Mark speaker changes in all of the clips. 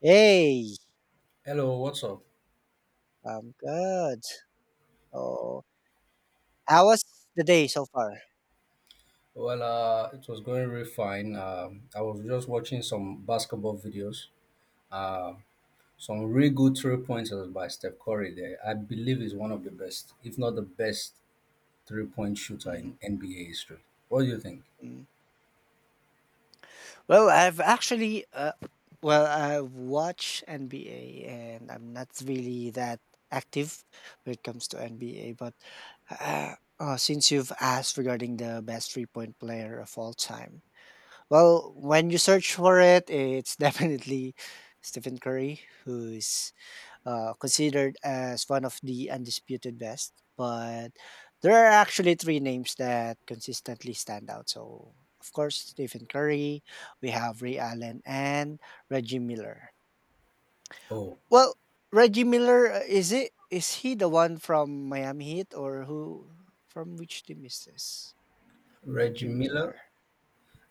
Speaker 1: Hey,
Speaker 2: Hello, what's up?
Speaker 1: I'm good. So, how was the day so far?
Speaker 2: Well, it was going really fine. I was just watching some basketball videos. Uh, some really good three pointers by Steph Curry there. I believe he's one of the best, if not the best, 3-point shooter
Speaker 1: Mm,
Speaker 2: in NBA history. What do you think?
Speaker 1: mm. Well, I've actually, well, I watch NBA, and I'm not really that active when it comes to NBA. But uh, since you've asked regarding the best 3-point player of all time, well, when you search for it, it's definitely Stephen Curry, who's considered as one of the undisputed best. But there are actually three names that consistently stand out. So, of course, Stephen Curry, we have Ray Allen, and Reggie Miller.
Speaker 2: Oh,
Speaker 1: Well, Reggie Miller, is it? Is he the one from Miami Heat or who? From which team is this?
Speaker 2: Reggie
Speaker 1: Reggie
Speaker 2: Miller?
Speaker 1: Miller.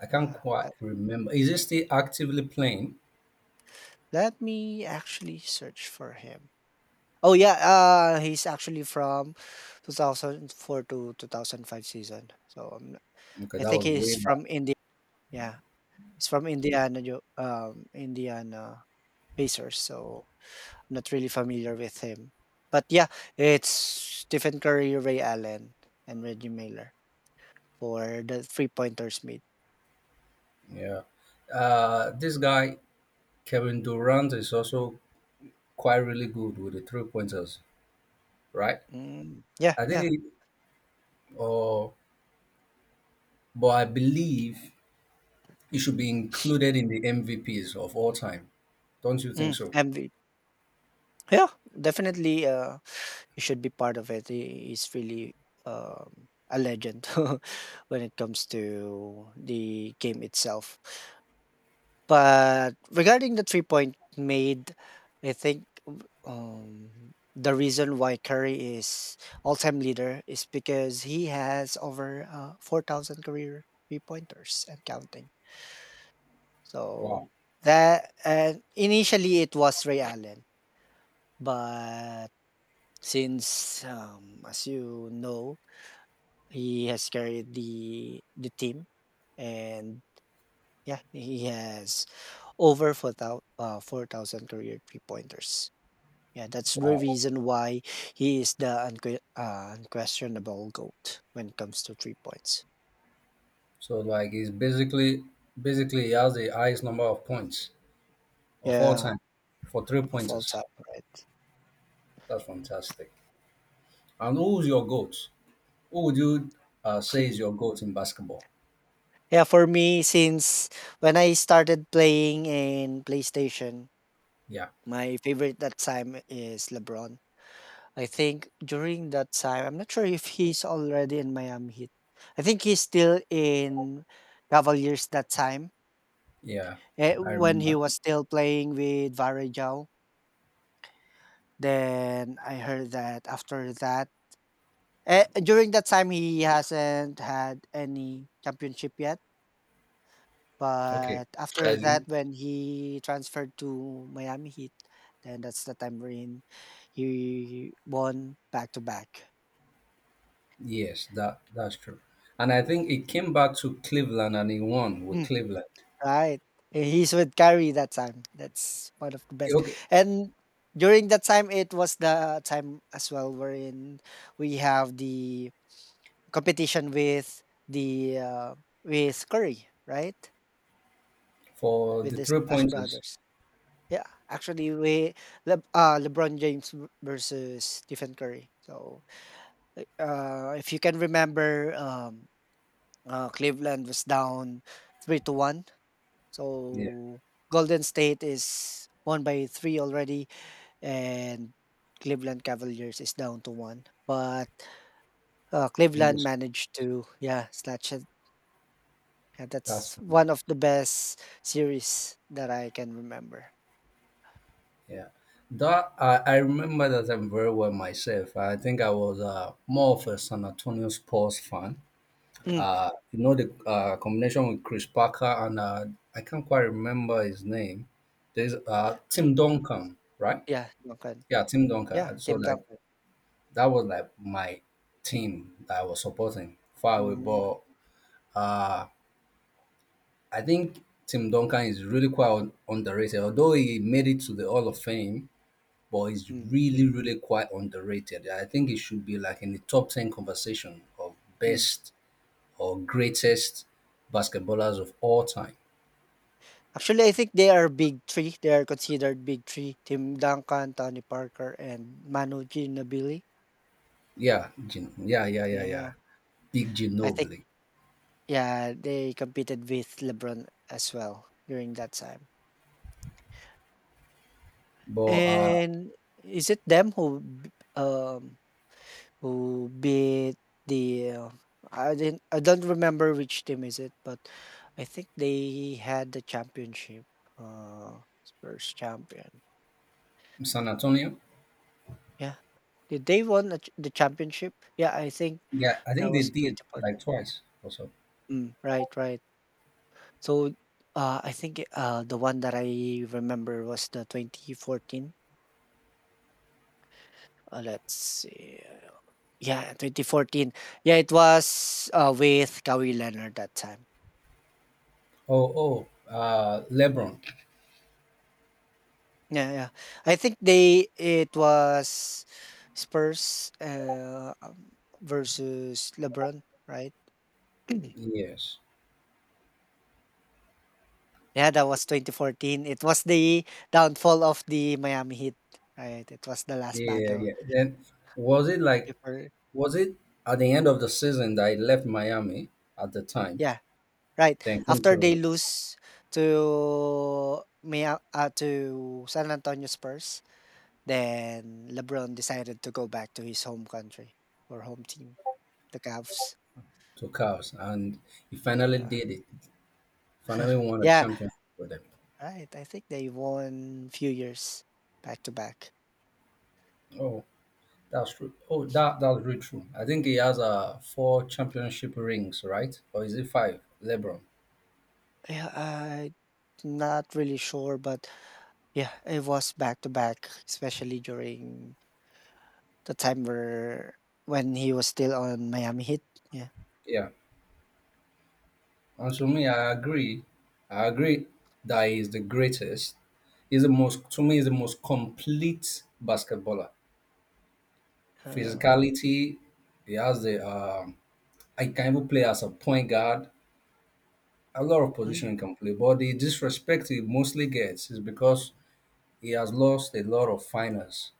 Speaker 2: I can't
Speaker 1: Yeah.
Speaker 2: quite remember. Is he still actively playing?
Speaker 1: Let me actually search for him. Oh yeah, he's actually from 2004 to 2005 season. So
Speaker 2: Okay,
Speaker 1: I
Speaker 2: that
Speaker 1: think
Speaker 2: was
Speaker 1: he's
Speaker 2: way back.
Speaker 1: from India. Yeah, he's from Indiana, Indiana Pacers. So I'm not really familiar with him. But yeah, it's Stephen Curry, Ray Allen, and Reggie Miller for the three pointers mid.
Speaker 2: Yeah. This guy, Kevin Durant, is also quite really good with the three pointers, right?
Speaker 1: Mm, yeah,
Speaker 2: I
Speaker 1: yeah.
Speaker 2: think. Oh, but I believe it should be included in the MVPs of all time. Don't you think
Speaker 1: Mm,
Speaker 2: so?
Speaker 1: MV. Yeah, definitely. You should be part of it. He's really a legend when it comes to the game itself. But regarding the 3-point made, I think the reason why Curry is all time leader is because he has over 4,000 career three pointers and counting. So
Speaker 2: Wow.
Speaker 1: that, and initially it was Ray Allen, but since, as you know, he has carried the team, and yeah, he has over four thousand career three pointers. Yeah, that's the
Speaker 2: Wow.
Speaker 1: reason why he is the unquestionable goat when it comes to 3 points.
Speaker 2: So like he's basically he has the highest number of points of all
Speaker 1: Yeah,
Speaker 2: time for three
Speaker 1: of all
Speaker 2: pointers.
Speaker 1: time, right?
Speaker 2: That's fantastic. And who's your goat? Who would you say is
Speaker 1: Hmm.
Speaker 2: your goat in basketball?
Speaker 1: Yeah, for me, since when I started playing in PlayStation,
Speaker 2: Yeah.
Speaker 1: my favorite that time is LeBron. I think during that time, I'm not sure if he's already in Miami Heat. I think he's still in Cavaliers that time
Speaker 2: Yeah. I
Speaker 1: when he
Speaker 2: remember.
Speaker 1: was still playing with Varejao. Then I heard that after that, during that time, he hasn't had any championship yet.
Speaker 2: Okay.
Speaker 1: But after
Speaker 2: That is-
Speaker 1: that, when he transferred to Miami Heat, then that's the time wherein he won back to back.
Speaker 2: yes, that's true. And I think it came back to Cleveland and he won with Cleveland.
Speaker 1: Right. He's with Kyrie that time. That's one of the best.
Speaker 2: Okay,
Speaker 1: And during that time, it was the time as well wherein we have the competition with the with Curry, right?
Speaker 2: for
Speaker 1: With
Speaker 2: the
Speaker 1: the
Speaker 2: three
Speaker 1: Splash
Speaker 2: pointers.
Speaker 1: Brothers. Yeah, actually, LeBron James versus Stephen Curry. So, if you can remember, Cleveland was down 3-1.
Speaker 2: Yeah,
Speaker 1: So Golden State is won by three already, and Cleveland Cavaliers is down to one. But
Speaker 2: in
Speaker 1: Cleveland
Speaker 2: this
Speaker 1: managed to, yeah, snatch it. And that's
Speaker 2: classroom.
Speaker 1: one of the best series that I can remember.
Speaker 2: Yeah, that I remember that I'm very well myself. I think I was, more of a San Antonio Spurs fan.
Speaker 1: Mm,
Speaker 2: You know the, combination with Chris Parker and, I can't quite remember his name. There's, Tim Duncan, right?
Speaker 1: yeah, Duncan.
Speaker 2: Yeah, Tim Duncan.
Speaker 1: Yeah,
Speaker 2: And so
Speaker 1: Tim
Speaker 2: like
Speaker 1: Duncan.
Speaker 2: that was like my team that I was supporting far away,
Speaker 1: Mm,
Speaker 2: but. Uh, I think Tim Duncan is really quite underrated. Although he made it to the Hall of Fame, but he's
Speaker 1: mm,
Speaker 2: really, really quite underrated. I think he should be like in the top 10 conversation of
Speaker 1: mm.
Speaker 2: best or greatest basketballers of all time.
Speaker 1: Actually, I think they are big three. They are considered big three: Tim Duncan, Tony Parker, and Manu Ginobili.
Speaker 2: Yeah, yeah, yeah, yeah,
Speaker 1: Yeah,
Speaker 2: yeah. Big
Speaker 1: I think
Speaker 2: Ginobili.
Speaker 1: yeah, they competed with LeBron as well during that time.
Speaker 2: But,
Speaker 1: And is it them who um who beat the I don't remember which team is it, but I think they had the championship. Spurs champion.
Speaker 2: San Antonio,
Speaker 1: Yeah. Did they won the championship? Yeah, I think
Speaker 2: yeah, I
Speaker 1: that
Speaker 2: think they
Speaker 1: was
Speaker 2: did
Speaker 1: 2014.
Speaker 2: like twice or so.
Speaker 1: Mm, right, right. So I think the one that I remember was the 2014. Let's see. Yeah, 2014. Yeah, it was with Kawhi Leonard that time.
Speaker 2: Oh, oh, LeBron.
Speaker 1: Yeah, yeah. I think they it was Spurs versus LeBron, right?
Speaker 2: Yes.
Speaker 1: Yeah, that was 2014. It was the downfall of the Miami Heat, right? It was the last
Speaker 2: Yeah, yeah,
Speaker 1: battle
Speaker 2: yeah. Then was it like
Speaker 1: before.
Speaker 2: was it at the end of the season that I left Miami at the time,
Speaker 1: Yeah, right.
Speaker 2: then came
Speaker 1: After they
Speaker 2: to
Speaker 1: lose to to San Antonio Spurs, then LeBron decided to go back to his home country or home team, the Cavs.
Speaker 2: to Cavs, and he finally
Speaker 1: Yeah.
Speaker 2: did it. Finally won a
Speaker 1: Yeah,
Speaker 2: championship with them.
Speaker 1: right. I think they won few years back to back.
Speaker 2: Oh, that's true. Oh, that's really true. I think he has four championship rings, right? Or is it five? LeBron.
Speaker 1: Yeah, I'm not really sure, but yeah, it was back to back, especially during the time where when he was still on Miami Heat. Yeah.
Speaker 2: Yeah. And to me, I agree. I agree that he's the greatest. He's the most to me. He's the most complete basketballer.
Speaker 1: Uh,
Speaker 2: Physicality. He has the I can even play as a point guard. A lot of
Speaker 1: mm,
Speaker 2: position he can play, but the disrespect he mostly gets is because he has lost a lot of finals,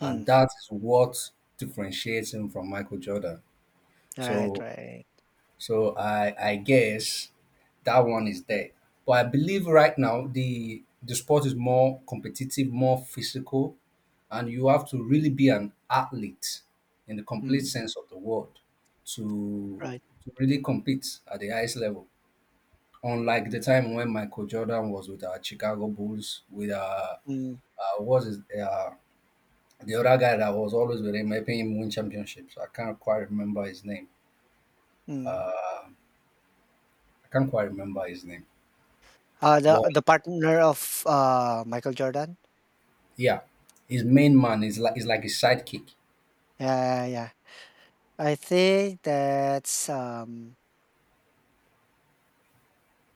Speaker 2: and
Speaker 1: mm.
Speaker 2: that is what differentiates him from Michael Jordan.
Speaker 1: All right,
Speaker 2: So,
Speaker 1: right.
Speaker 2: so, I guess that one is there. But I believe right now the sport is more competitive, more physical, and you have to really be an athlete in the complete
Speaker 1: Mm,
Speaker 2: sense of the word to
Speaker 1: right.
Speaker 2: to really compete at the highest level. Unlike the time when Michael Jordan was with our Chicago Bulls, with
Speaker 1: Mm,
Speaker 2: what's his, the other guy that was always with him, helping him win championships. I can't quite remember his name.
Speaker 1: mm.
Speaker 2: I can't quite remember his name.
Speaker 1: The
Speaker 2: But
Speaker 1: partner of Michael Jordan.
Speaker 2: yeah, his main man is like his sidekick.
Speaker 1: Yeah, yeah. I think that's,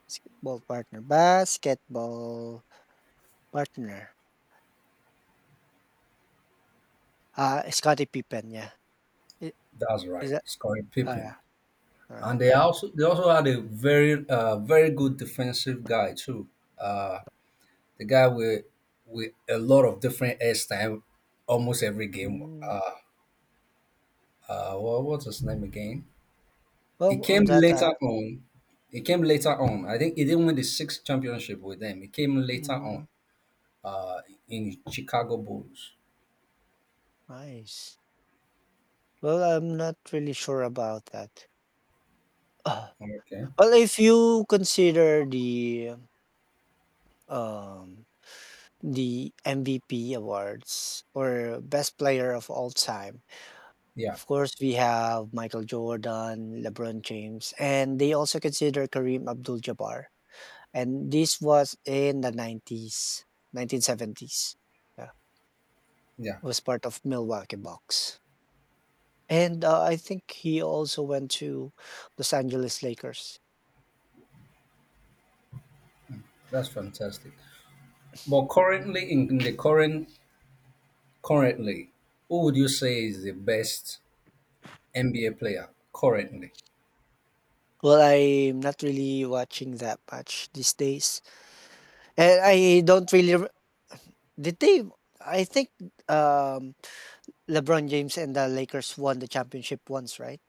Speaker 1: basketball partner basketball partner. Ah, Scottie Pippen, yeah. I
Speaker 2: That's right,
Speaker 1: is that
Speaker 2: Scottie
Speaker 1: oh, yeah.
Speaker 2: Pippen.
Speaker 1: Alright,
Speaker 2: And they
Speaker 1: right. Right.
Speaker 2: also they also had a very, very good defensive guy too. Uh, the guy with a lot of different hairstyle almost every game.
Speaker 1: Mm.
Speaker 2: Uh, what's his name again? It
Speaker 1: Well, on
Speaker 2: came
Speaker 1: that,
Speaker 2: later on. It came later on. I think he didn't win the sixth championship with them. It came later on,
Speaker 1: mm,
Speaker 2: uh, in Chicago Bulls.
Speaker 1: nice. Well, I'm not really sure about that. Uh,
Speaker 2: Okay.
Speaker 1: Well, if you consider um, um, the MVP awards or best player of all time,
Speaker 2: Yeah.
Speaker 1: of course, we have Michael Jordan, LeBron James, and they also consider Kareem Abdul-Jabbar. And this was in the 90s, 1970s. Yeah,
Speaker 2: Yeah.
Speaker 1: was part of Milwaukee Bucks. And I think he also went to Los Angeles Lakers.
Speaker 2: That's fantastic. But currently, in the current, currently, who would you say is the best NBA player currently?
Speaker 1: Well, I'm not really watching that much these days. And I don't really re- did they I think um LeBron James and the Lakers won the championship once, right?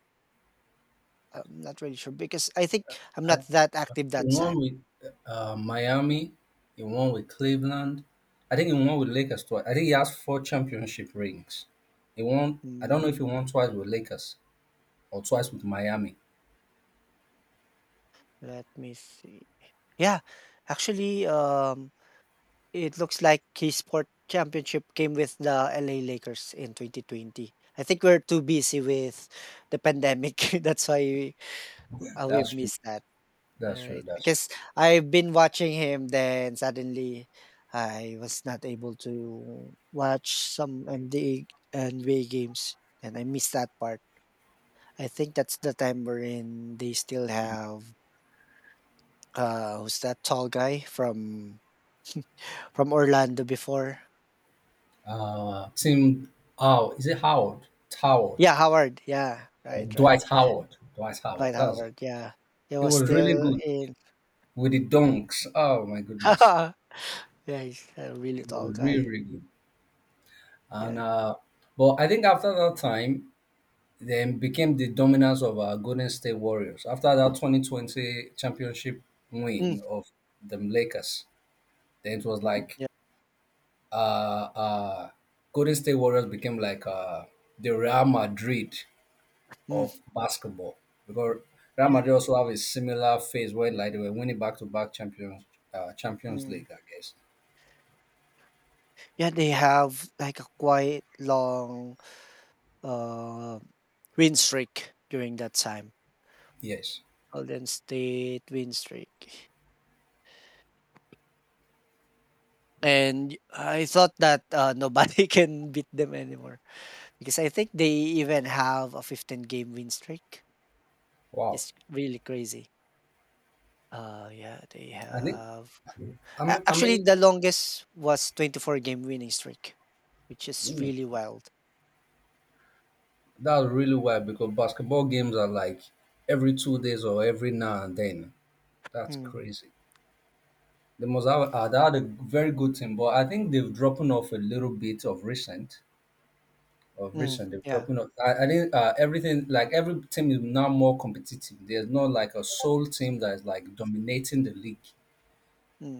Speaker 1: I'm not really sure because I think I'm not that active that
Speaker 2: He won
Speaker 1: time.
Speaker 2: with, Miami. He won with Cleveland. I think he won with Lakers twice. I think he has four championship rings. He won. I
Speaker 1: Mm,
Speaker 2: don't know if he won twice with Lakers or twice with Miami.
Speaker 1: let me see. Yeah, actually, it looks like K-Sport Championship came with the LA Lakers in 2020. I think we're too busy with the pandemic. That's why we, we've
Speaker 2: That's true.
Speaker 1: missed that.
Speaker 2: That's true.
Speaker 1: Right?
Speaker 2: That's true.
Speaker 1: Because I've been watching him, then suddenly I was not able to watch some NBA games, and I missed that part. I think that's the time wherein they still have who's that tall guy from from Orlando before?
Speaker 2: Tim, oh, is it Howard? Howard
Speaker 1: Yeah, Howard. Yeah,
Speaker 2: or
Speaker 1: right, right.
Speaker 2: Dwight Howard? Dwight Howard.
Speaker 1: Right.
Speaker 2: That's it.
Speaker 1: Howard. Yeah, he
Speaker 2: It
Speaker 1: was
Speaker 2: was really
Speaker 1: still
Speaker 2: good
Speaker 1: in.
Speaker 2: with the
Speaker 1: Mm.
Speaker 2: dunks. Oh my goodness,
Speaker 1: Yeah, he's a really
Speaker 2: it
Speaker 1: tall
Speaker 2: was really
Speaker 1: guy.
Speaker 2: really good. And
Speaker 1: Yeah.
Speaker 2: but I think after that time, then became the dominance of, Golden State Warriors. After that 2020 championship
Speaker 1: Mm,
Speaker 2: win of the Lakers, then it was like,
Speaker 1: yeah.
Speaker 2: uh, uh, Golden State Warriors became like, the Real Madrid
Speaker 1: Mm,
Speaker 2: of basketball because Real
Speaker 1: yeah.
Speaker 2: Madrid also have a similar phase where like they were winning back to back Champions
Speaker 1: Mm.
Speaker 2: League, I guess.
Speaker 1: Yeah, they have like a quite long uh win streak during that time.
Speaker 2: Yes.
Speaker 1: Golden State win streak. And I thought that, nobody can beat them anymore because I think they even have a 15 game win streak.
Speaker 2: Wow.
Speaker 1: It's really crazy. Yeah, they
Speaker 2: I think
Speaker 1: have
Speaker 2: I
Speaker 1: actually
Speaker 2: mean
Speaker 1: the longest was 24 game winning streak, which is
Speaker 2: ooh,
Speaker 1: really wild.
Speaker 2: that's really wild because basketball games are like every 2 days or every now and then. That's
Speaker 1: Mm,
Speaker 2: crazy. They must have they had a very good team, but I think they've dropped off a little bit of recent. Of
Speaker 1: mm,
Speaker 2: recent they've
Speaker 1: yeah.
Speaker 2: dropping off. I think, everything like every team is now more competitive. There's not like a sole team that is like dominating the league.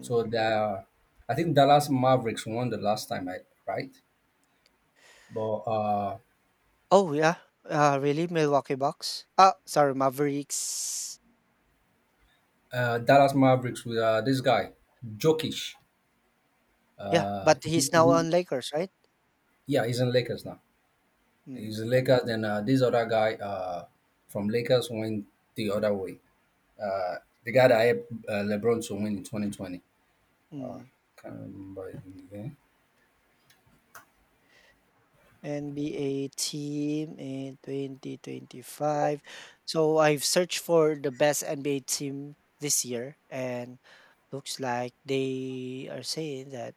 Speaker 2: So I think Dallas Mavericks won the last time, right? But
Speaker 1: Oh yeah. Really? Milwaukee Bucks? Ah, sorry, Mavericks.
Speaker 2: Dallas Mavericks with, this guy Jokic.
Speaker 1: Yeah,
Speaker 2: Uh,
Speaker 1: but
Speaker 2: he's
Speaker 1: he's now
Speaker 2: in-
Speaker 1: on Lakers, right?
Speaker 2: yeah, he's in Lakers now.
Speaker 1: Mm,
Speaker 2: He's in Lakers. Then, this other guy, from Lakers went the other way. Uh, the guy that helped, LeBron to win in 2020.
Speaker 1: mm.
Speaker 2: Can't remember his name.
Speaker 1: NBA team in 2025. So I've searched for the best NBA team this year and looks like they are saying that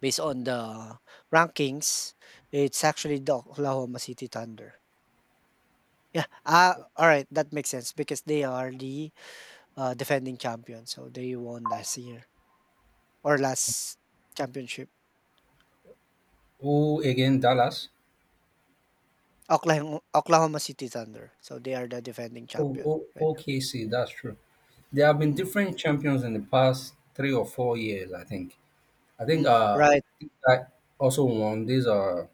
Speaker 1: based on the rankings, it's actually the Oklahoma City Thunder. Yeah. All right, that makes sense because they are the defending champion. So they won last year or last championship.
Speaker 2: Oh, again, Dallas.
Speaker 1: Oklahoma City Thunder. So they are the defending
Speaker 2: Oh,
Speaker 1: champion
Speaker 2: oh,
Speaker 1: right
Speaker 2: OKC, that's true. There have been
Speaker 1: now. Mm.
Speaker 2: different champions in the past 3 or 4 years, I think. I think
Speaker 1: Mm. Right.
Speaker 2: this guy also won. This uh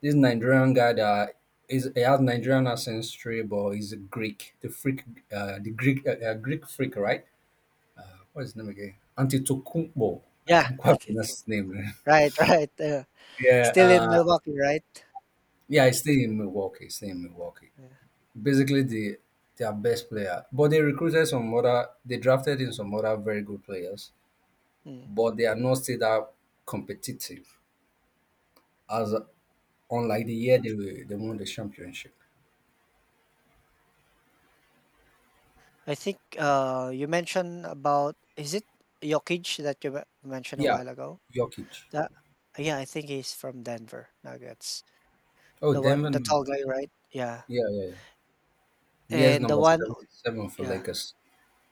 Speaker 2: this Nigerian guy that is he has Nigerian ancestry, but he's a Greek, the freak, the Greek, Greek freak, right? What's his name again? Antetokounmpo. I
Speaker 1: Yeah,
Speaker 2: can't
Speaker 1: I
Speaker 2: quite
Speaker 1: think
Speaker 2: pronounce
Speaker 1: so.
Speaker 2: his name.
Speaker 1: Right, right.
Speaker 2: Yeah,
Speaker 1: Still in Milwaukee, right?
Speaker 2: yeah, he's still in Milwaukee. He's still in Milwaukee.
Speaker 1: Yeah.
Speaker 2: Basically their best player. But they recruited some other, they drafted in some other very good players,
Speaker 1: Mm.
Speaker 2: but they are not still that competitive as unlike the year they were, they won the championship.
Speaker 1: I think you mentioned about is it Jokic that you mentioned a
Speaker 2: Yeah,
Speaker 1: while ago?
Speaker 2: Jokic.
Speaker 1: That yeah, I think he's from Denver Nuggets.
Speaker 2: Oh,
Speaker 1: The
Speaker 2: Denver.
Speaker 1: one, the tall guy,
Speaker 2: Nuggets.
Speaker 1: right? Yeah,
Speaker 2: Yeah, yeah, yeah. Where's
Speaker 1: and the
Speaker 2: number
Speaker 1: one,
Speaker 2: seven, for
Speaker 1: yeah,
Speaker 2: Lakers?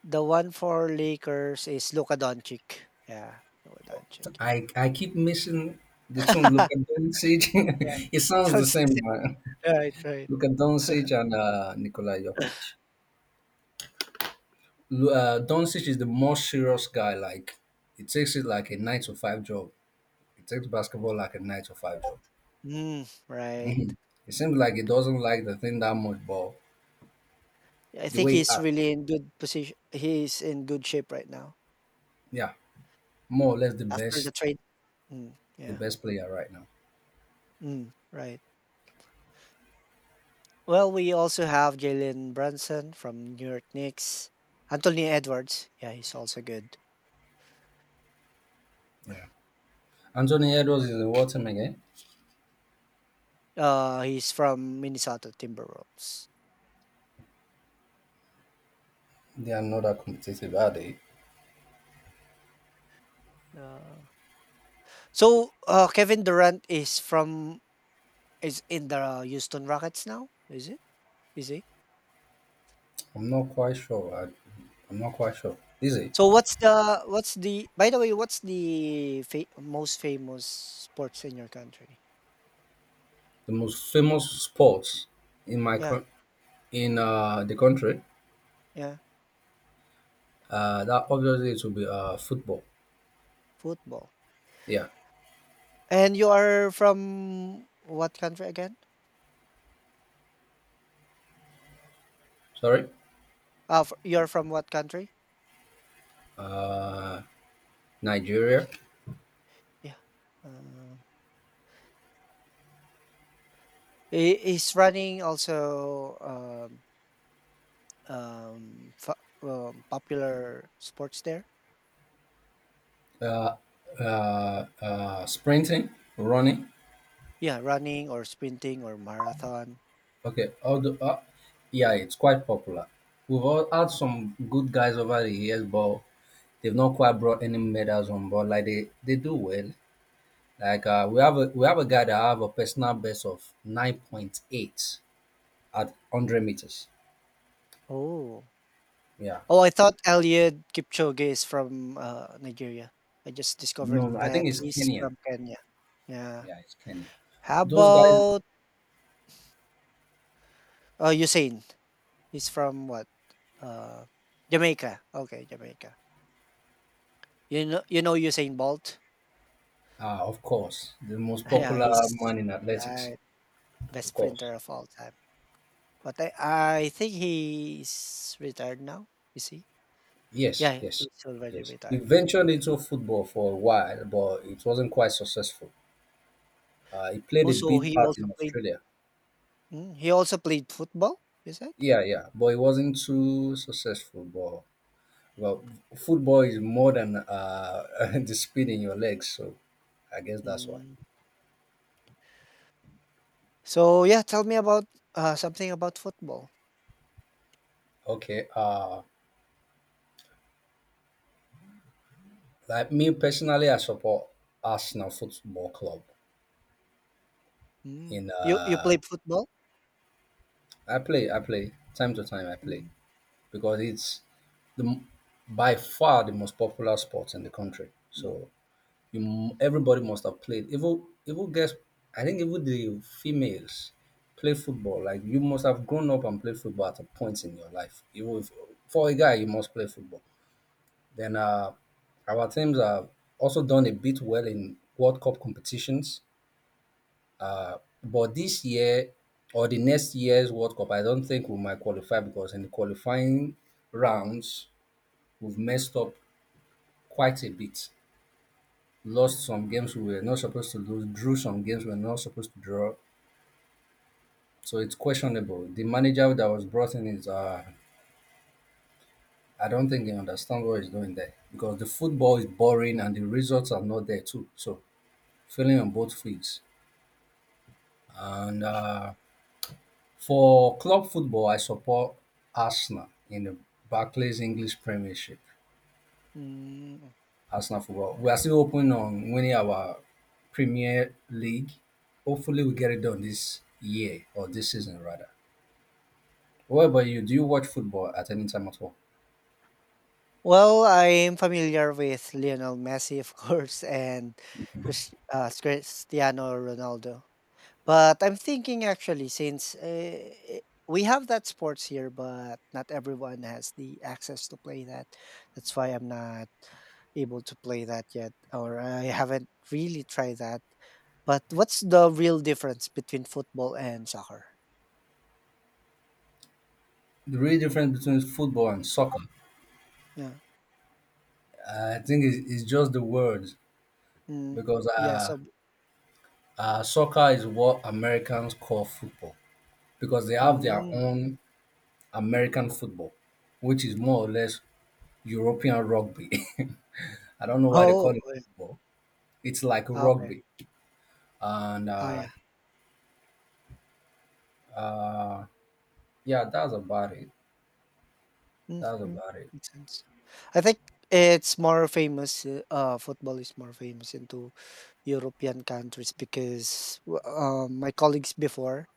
Speaker 1: the one for Lakers is Luka Doncic. Yeah, Luka Doncic.
Speaker 2: I keep missing the two Luka Doncic.
Speaker 1: Yeah,
Speaker 2: It sounds the
Speaker 1: sounds the
Speaker 2: same,
Speaker 1: same.
Speaker 2: man.
Speaker 1: Right, right.
Speaker 2: Luka Doncic and, Nikola Jokic. Doncic is the most serious guy. Like he takes it like a nine to five job. He takes basketball like a nine to five job.
Speaker 1: Mm, right.
Speaker 2: It seems like he doesn't like the thing that much, but
Speaker 1: Yeah, I
Speaker 2: the
Speaker 1: think
Speaker 2: way he
Speaker 1: he's
Speaker 2: acts,
Speaker 1: really in good position. He's in good shape right now
Speaker 2: yeah, more or less
Speaker 1: after the trade. Mm,
Speaker 2: the
Speaker 1: yeah.
Speaker 2: best player right now.
Speaker 1: Mm, right. Well, we also have Jalen Brunson from New York Knicks. Anthony Edwards. Yeah, he's also good.
Speaker 2: Yeah, Anthony Edwards is in what team again?
Speaker 1: He's from Minnesota Timberwolves.
Speaker 2: They are not that competitive, are they?
Speaker 1: Uh, so Kevin Durant is from is in the Houston Rockets now. Is it? Is he?
Speaker 2: I'm not quite sure. I'm not quite sure. Is it
Speaker 1: So what's the by the way what's the most famous sports in your country?
Speaker 2: the most famous sports in
Speaker 1: Yeah,
Speaker 2: in, the country?
Speaker 1: yeah,
Speaker 2: That obviously it will be, football.
Speaker 1: football.
Speaker 2: Yeah,
Speaker 1: And you are from what country again?
Speaker 2: sorry.
Speaker 1: You're from what country?
Speaker 2: uh, Nigeria,
Speaker 1: Yeah. Uh, is running also fa popular sports there?
Speaker 2: uh, sprinting, running.
Speaker 1: Yeah, running or sprinting or marathon.
Speaker 2: Okay, although, yeah, it's quite popular. We've all had some good guys over the years, but they've not quite brought any medals on board. Like they do well. Like, we have a guy that have a personal best of 9.8 at 100 meters.
Speaker 1: Oh.
Speaker 2: Yeah,
Speaker 1: Oh, I thought Eliud Kipchoge is from Nigeria. I just
Speaker 2: no, no,
Speaker 1: discovered
Speaker 2: I
Speaker 1: that
Speaker 2: think it's
Speaker 1: he's
Speaker 2: Kenya.
Speaker 1: from Kenya. Yeah.
Speaker 2: Yeah, it's Kenya.
Speaker 1: How
Speaker 2: Those guys
Speaker 1: about Usain? He's from what? Uh, Jamaica. Okay, Jamaica. You know Usain Bolt.
Speaker 2: are, of course, the most
Speaker 1: Yeah,
Speaker 2: popular
Speaker 1: he's
Speaker 2: man in athletics.
Speaker 1: right, best
Speaker 2: Of course.
Speaker 1: sprinter of all time. But I think he's retired now. Is he?
Speaker 2: Yes,
Speaker 1: Yeah,
Speaker 2: yes,
Speaker 1: he's already
Speaker 2: yes. He
Speaker 1: retired. Right.
Speaker 2: ventured into football for a while, but it wasn't quite successful. He played a
Speaker 1: Also,
Speaker 2: big
Speaker 1: he
Speaker 2: part
Speaker 1: also
Speaker 2: in
Speaker 1: played.
Speaker 2: Australia.
Speaker 1: Mm, he also played football. You said.
Speaker 2: Yeah, yeah, but it wasn't too successful. But well, football is more than, the speed in your legs, so I guess that's why.
Speaker 1: Mm. So yeah, tell me about something about football.
Speaker 2: Okay. Like me personally, I support Arsenal Football Club.
Speaker 1: Mm.
Speaker 2: In
Speaker 1: You played football?
Speaker 2: I play time to time. I play.
Speaker 1: Mm.
Speaker 2: Because it's the by far the most popular sport in the country.
Speaker 1: Mm.
Speaker 2: So everybody must have played. Even guess I think even the females play football. Like you must have grown up and played football at a point in your life. Even if, for a guy, you must play football. Then, our teams have also done a bit well in World Cup competitions. But this year or the next year's World Cup, I don't think we might qualify because in the qualifying rounds, we've messed up quite a bit, lost
Speaker 1: Mm.
Speaker 2: some games we were not supposed to lose, drew some games we were not supposed to draw. So it's questionable. The manager that was brought in is, I don't think he understands what he's doing there because the football is boring and the results are not there too. So failing on both fields. And for club football, I support Arsenal in the Barclays English Premiership.
Speaker 1: Mm.
Speaker 2: Arsenal football. We are still hoping on winning our Premier League. Hopefully, we get it done this year or this season rather. What about you? Do you watch football at any time at all?
Speaker 1: Well, I'm familiar with Lionel Messi, of course, and Cristiano Ronaldo. But I'm thinking actually, since i- we have that sports here, but not everyone has the access to play that. That's why I'm not able to play that yet, or I haven't really tried that. But what's the real difference between football and soccer?
Speaker 2: The real difference between football and soccer,
Speaker 1: Yeah.
Speaker 2: I think, is just the words
Speaker 1: Mm.
Speaker 2: because
Speaker 1: Yeah.
Speaker 2: uh,
Speaker 1: So.
Speaker 2: uh, soccer is what Americans call football because they have their
Speaker 1: Mm.
Speaker 2: own American football, which is more or less European rugby. I don't know why they call
Speaker 1: Oh.
Speaker 2: it football. It's like
Speaker 1: Ah, okay.
Speaker 2: rugby, and
Speaker 1: Ah,
Speaker 2: uh,
Speaker 1: yeah.
Speaker 2: Uh, yeah, that's about it. That's
Speaker 1: Mhm.
Speaker 2: about it.
Speaker 1: Makes sense. I think it's more famous, football is more famous into European countries because my colleagues before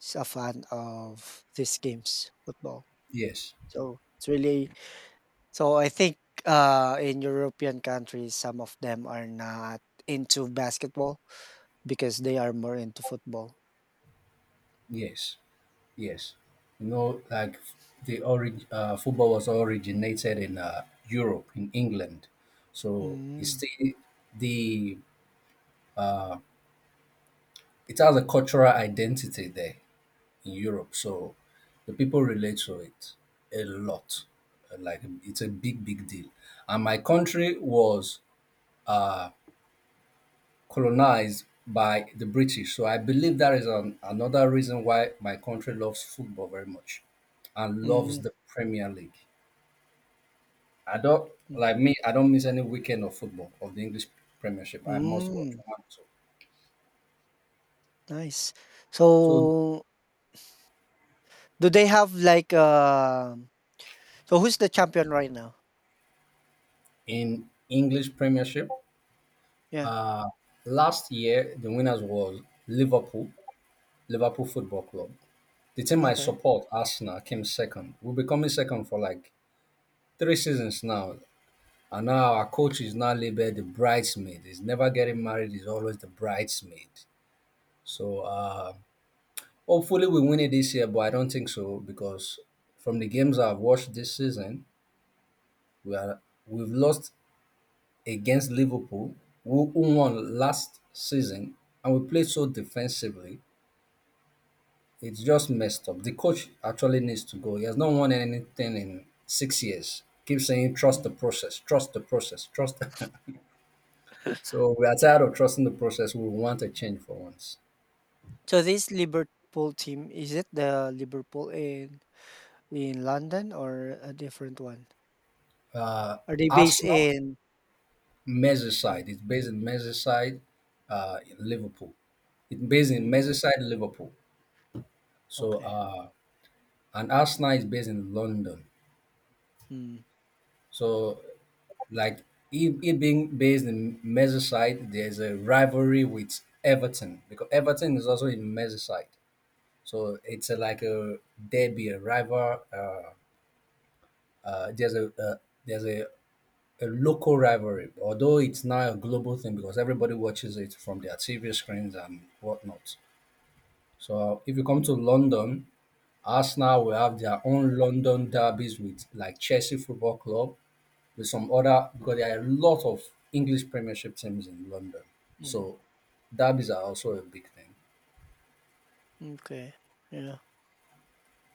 Speaker 1: is a fan of these games, football.
Speaker 2: Yes,
Speaker 1: So it's really so I think in European countries, some of them are not into basketball because they are more into football.
Speaker 2: yes, yes. Like football was originated in Europe, in England. So it's
Speaker 1: Mm.
Speaker 2: still the it has a cultural identity there in Europe. So the people relate to it a lot. Like it's a big, big deal. And my country was uh, colonized by the British. So I believe that is another reason why my country loves football very much and
Speaker 1: Mm.
Speaker 2: loves the Premier League. I don't
Speaker 1: Mm.
Speaker 2: like me. I don't miss any weekend of football of the English Premiership. I must watch.
Speaker 1: Mm.
Speaker 2: I have to.
Speaker 1: Nice.
Speaker 2: So
Speaker 1: So do they have like so who's the champion right now?
Speaker 2: in English Premiership,
Speaker 1: Yeah.
Speaker 2: uh, last year the winners was Liverpool, Liverpool Football Club. The team I
Speaker 1: Okay.
Speaker 2: support, Arsenal, came second. We've been coming second for like three seasons now. And now our coach is now labeled the bridesmaid. He's never getting married, he's always the bridesmaid. So hopefully we win it this year, but I don't think so because from the games I've watched this season, we are we've lost against Liverpool, who won last season, and we played so defensively. It's just messed up. The coach actually needs to go. He has not won anything in 6 years. Keep saying trust
Speaker 1: Mm.
Speaker 2: the process, trust the process, trust. So we are tired of trusting the process. We want a change for once.
Speaker 1: So this Liverpool team, is it the Liverpool in London or a different one? Are they based
Speaker 2: Arsenal,
Speaker 1: in? Mm,
Speaker 2: Merseyside. It's based in Merseyside, in Liverpool. It's based in
Speaker 1: mm,
Speaker 2: Merseyside, Liverpool. So
Speaker 1: okay.
Speaker 2: uh, and Arsenal is based in London.
Speaker 1: Mm,
Speaker 2: So like it being based in Merseyside, there's a rivalry with Everton because Everton is also in Merseyside. So it's a, like a derby, a rival. There's a there's a local rivalry, although it's now a global thing because everybody watches it from their TV screens and whatnot. So if you come to London, Arsenal will have their own London derbies with like Chelsea Football Club, with some other because there are a lot of English Premiership teams in London.
Speaker 1: mm,
Speaker 2: So derbies are also a big thing.
Speaker 1: okay. Yeah.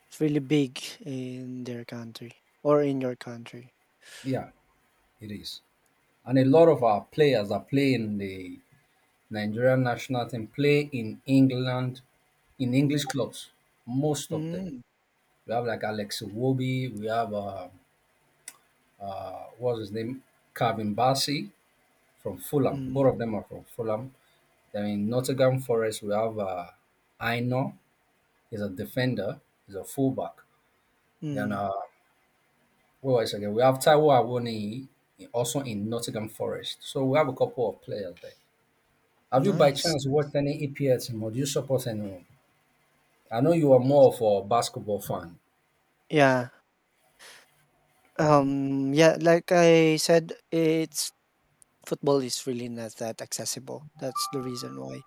Speaker 1: It's really big in their country or in your country.
Speaker 2: Yeah, it is. And a lot of our players that play in the Nigerian national team play in England, in English clubs, most of them.
Speaker 1: Mm,
Speaker 2: We have like Alex Wobi. We have, what's his name? Calvin Bassey from Fulham.
Speaker 1: mm,
Speaker 2: Both of them are from Fulham. Then in Nottingham Forest, we have Aino. He's a defender. He's a fullback. Then,
Speaker 1: mm.
Speaker 2: what was it again? We have Taiwo Awoniyi, also in Nottingham Forest. So we have a couple of players there. Have you by
Speaker 1: Nice.
Speaker 2: chance watched any EPL team or do you support anyone? I know you are more of a basketball fan.
Speaker 1: Yeah. Yeah. Like I said, it's football is really not that accessible. That's the reason why.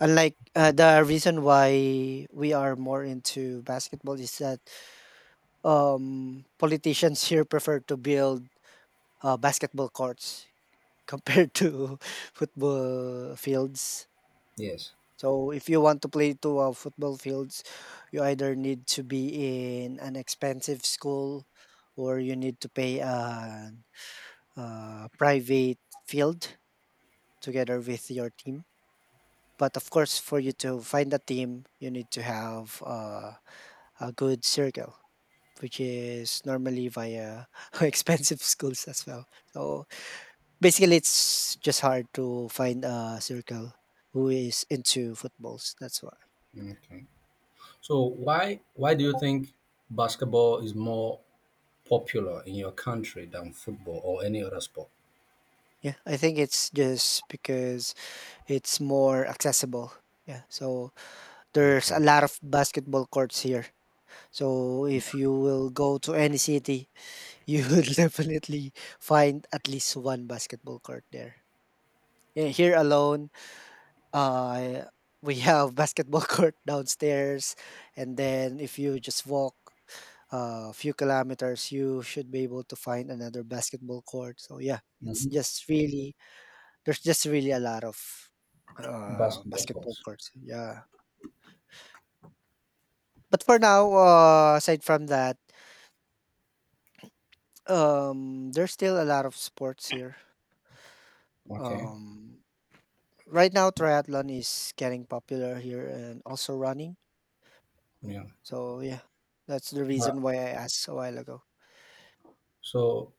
Speaker 1: Unlike the reason why we are more into basketball is that politicians here prefer to build basketball courts compared to football fields.
Speaker 2: Yes.
Speaker 1: So if you want to play to football fields, you either need to be in an expensive school or you need to pay a private field together with your team. But of course, for you to find a team, you need to have a good circle, which is normally via expensive schools as well. So basically, it's just hard to find a circle who is into footballs. That's why.
Speaker 2: Okay. So why do you think basketball is more popular in your country than football or any other sport?
Speaker 1: Yeah, I think it's just because it's more accessible. Yeah, so there's a
Speaker 2: Okay.
Speaker 1: lot of basketball courts here. So if you will go to any city, you will definitely find at least one basketball court there. Yeah, here alone, uh, we have basketball court downstairs, and then if you just walk a few kilometers, you should be able to find another basketball court. So yeah, it's
Speaker 2: Hmm.
Speaker 1: just really there's just really a lot of
Speaker 2: Basketball
Speaker 1: basketball
Speaker 2: courts.
Speaker 1: courts. Yeah, but for now, aside from that, there's still a lot of sports here.
Speaker 2: Okay.
Speaker 1: Um, right now triathlon is getting popular here and also running.
Speaker 2: Yeah.
Speaker 1: So yeah, that's the
Speaker 2: Uh,
Speaker 1: reason why I asked a while ago.
Speaker 2: so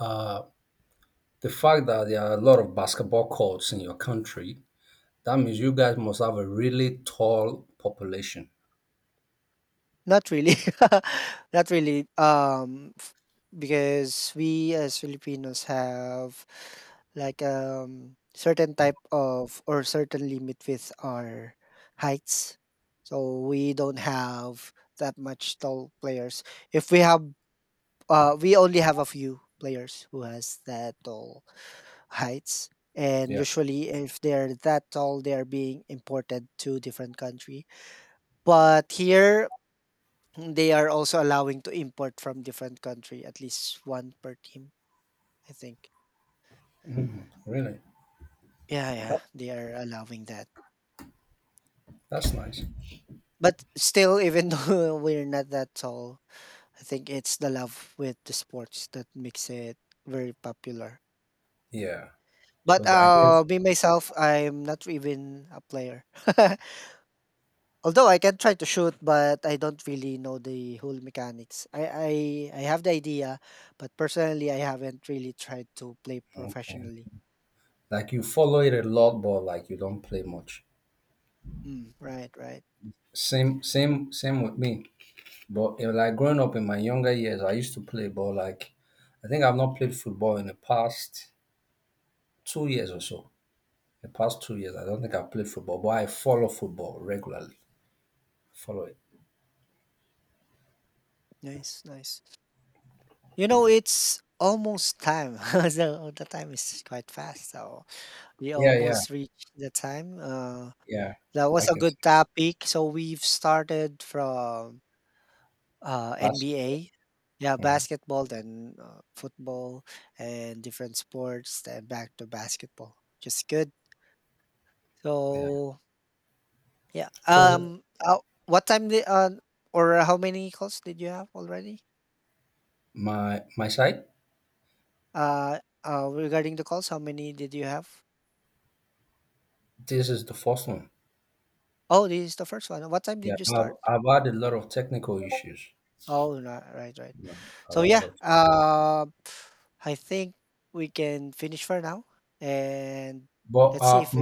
Speaker 2: uh, the fact that there are a lot of basketball courts in your country, that means you guys must have a really tall population.
Speaker 1: Not really, not really. Because we as Filipinos have like certain type of or certain limit with our heights. So we don't have that much tall players. If we have, we only have a few players who has that tall heights, and
Speaker 2: Yeah.
Speaker 1: usually if they're that tall they are being imported to different country, but here they are also allowing to import from different country at least one per team, I think.
Speaker 2: Really.
Speaker 1: Yeah, yeah,
Speaker 2: That,
Speaker 1: they are allowing that,
Speaker 2: that's nice.
Speaker 1: but still even though we're not that tall, I think it's the love with the sports that makes it very popular. Yeah.
Speaker 2: Yeah.
Speaker 1: But
Speaker 2: So the, I guess
Speaker 1: me myself, I'm not even a player. Although I can try to shoot, but I don't really know the whole mechanics. I have the idea, but personally, I haven't really tried to play
Speaker 2: okay.
Speaker 1: professionally.
Speaker 2: Like you follow it a lot, but like you don't play much.
Speaker 1: Mm, right, right.
Speaker 2: Same, same, same with me. But like growing up in my younger years, I used to play, but like I think I've not played football in the past 2 years or so. The past 2 years, I don't think I've played football, but I follow football regularly. Follow it.
Speaker 1: Nice, nice. You know, it's almost time. So oh, the time is quite fast. So we
Speaker 2: Yeah, yeah,
Speaker 1: almost reached the time.
Speaker 2: yeah.
Speaker 1: That
Speaker 2: I
Speaker 1: was a
Speaker 2: can see
Speaker 1: good topic. So we've started from
Speaker 2: basketball.
Speaker 1: NBA. Yeah,
Speaker 2: Yeah,
Speaker 1: basketball, then football and different sports, then back to basketball. Just good.
Speaker 2: yeah.
Speaker 1: So yeah.
Speaker 2: So,
Speaker 1: What time did or how many calls did you have already?
Speaker 2: my side,
Speaker 1: Uh, Regarding the calls, how many did you have?
Speaker 2: this is the first one.
Speaker 1: Oh, this is the first one. What time did
Speaker 2: Yeah,
Speaker 1: you
Speaker 2: I've
Speaker 1: start?
Speaker 2: I've had a lot of technical issues.
Speaker 1: Oh, no, right, right.
Speaker 2: Yeah, I've
Speaker 1: So
Speaker 2: had a
Speaker 1: yeah.
Speaker 2: lot.
Speaker 1: I think we can finish for now, and
Speaker 2: But
Speaker 1: let's see if we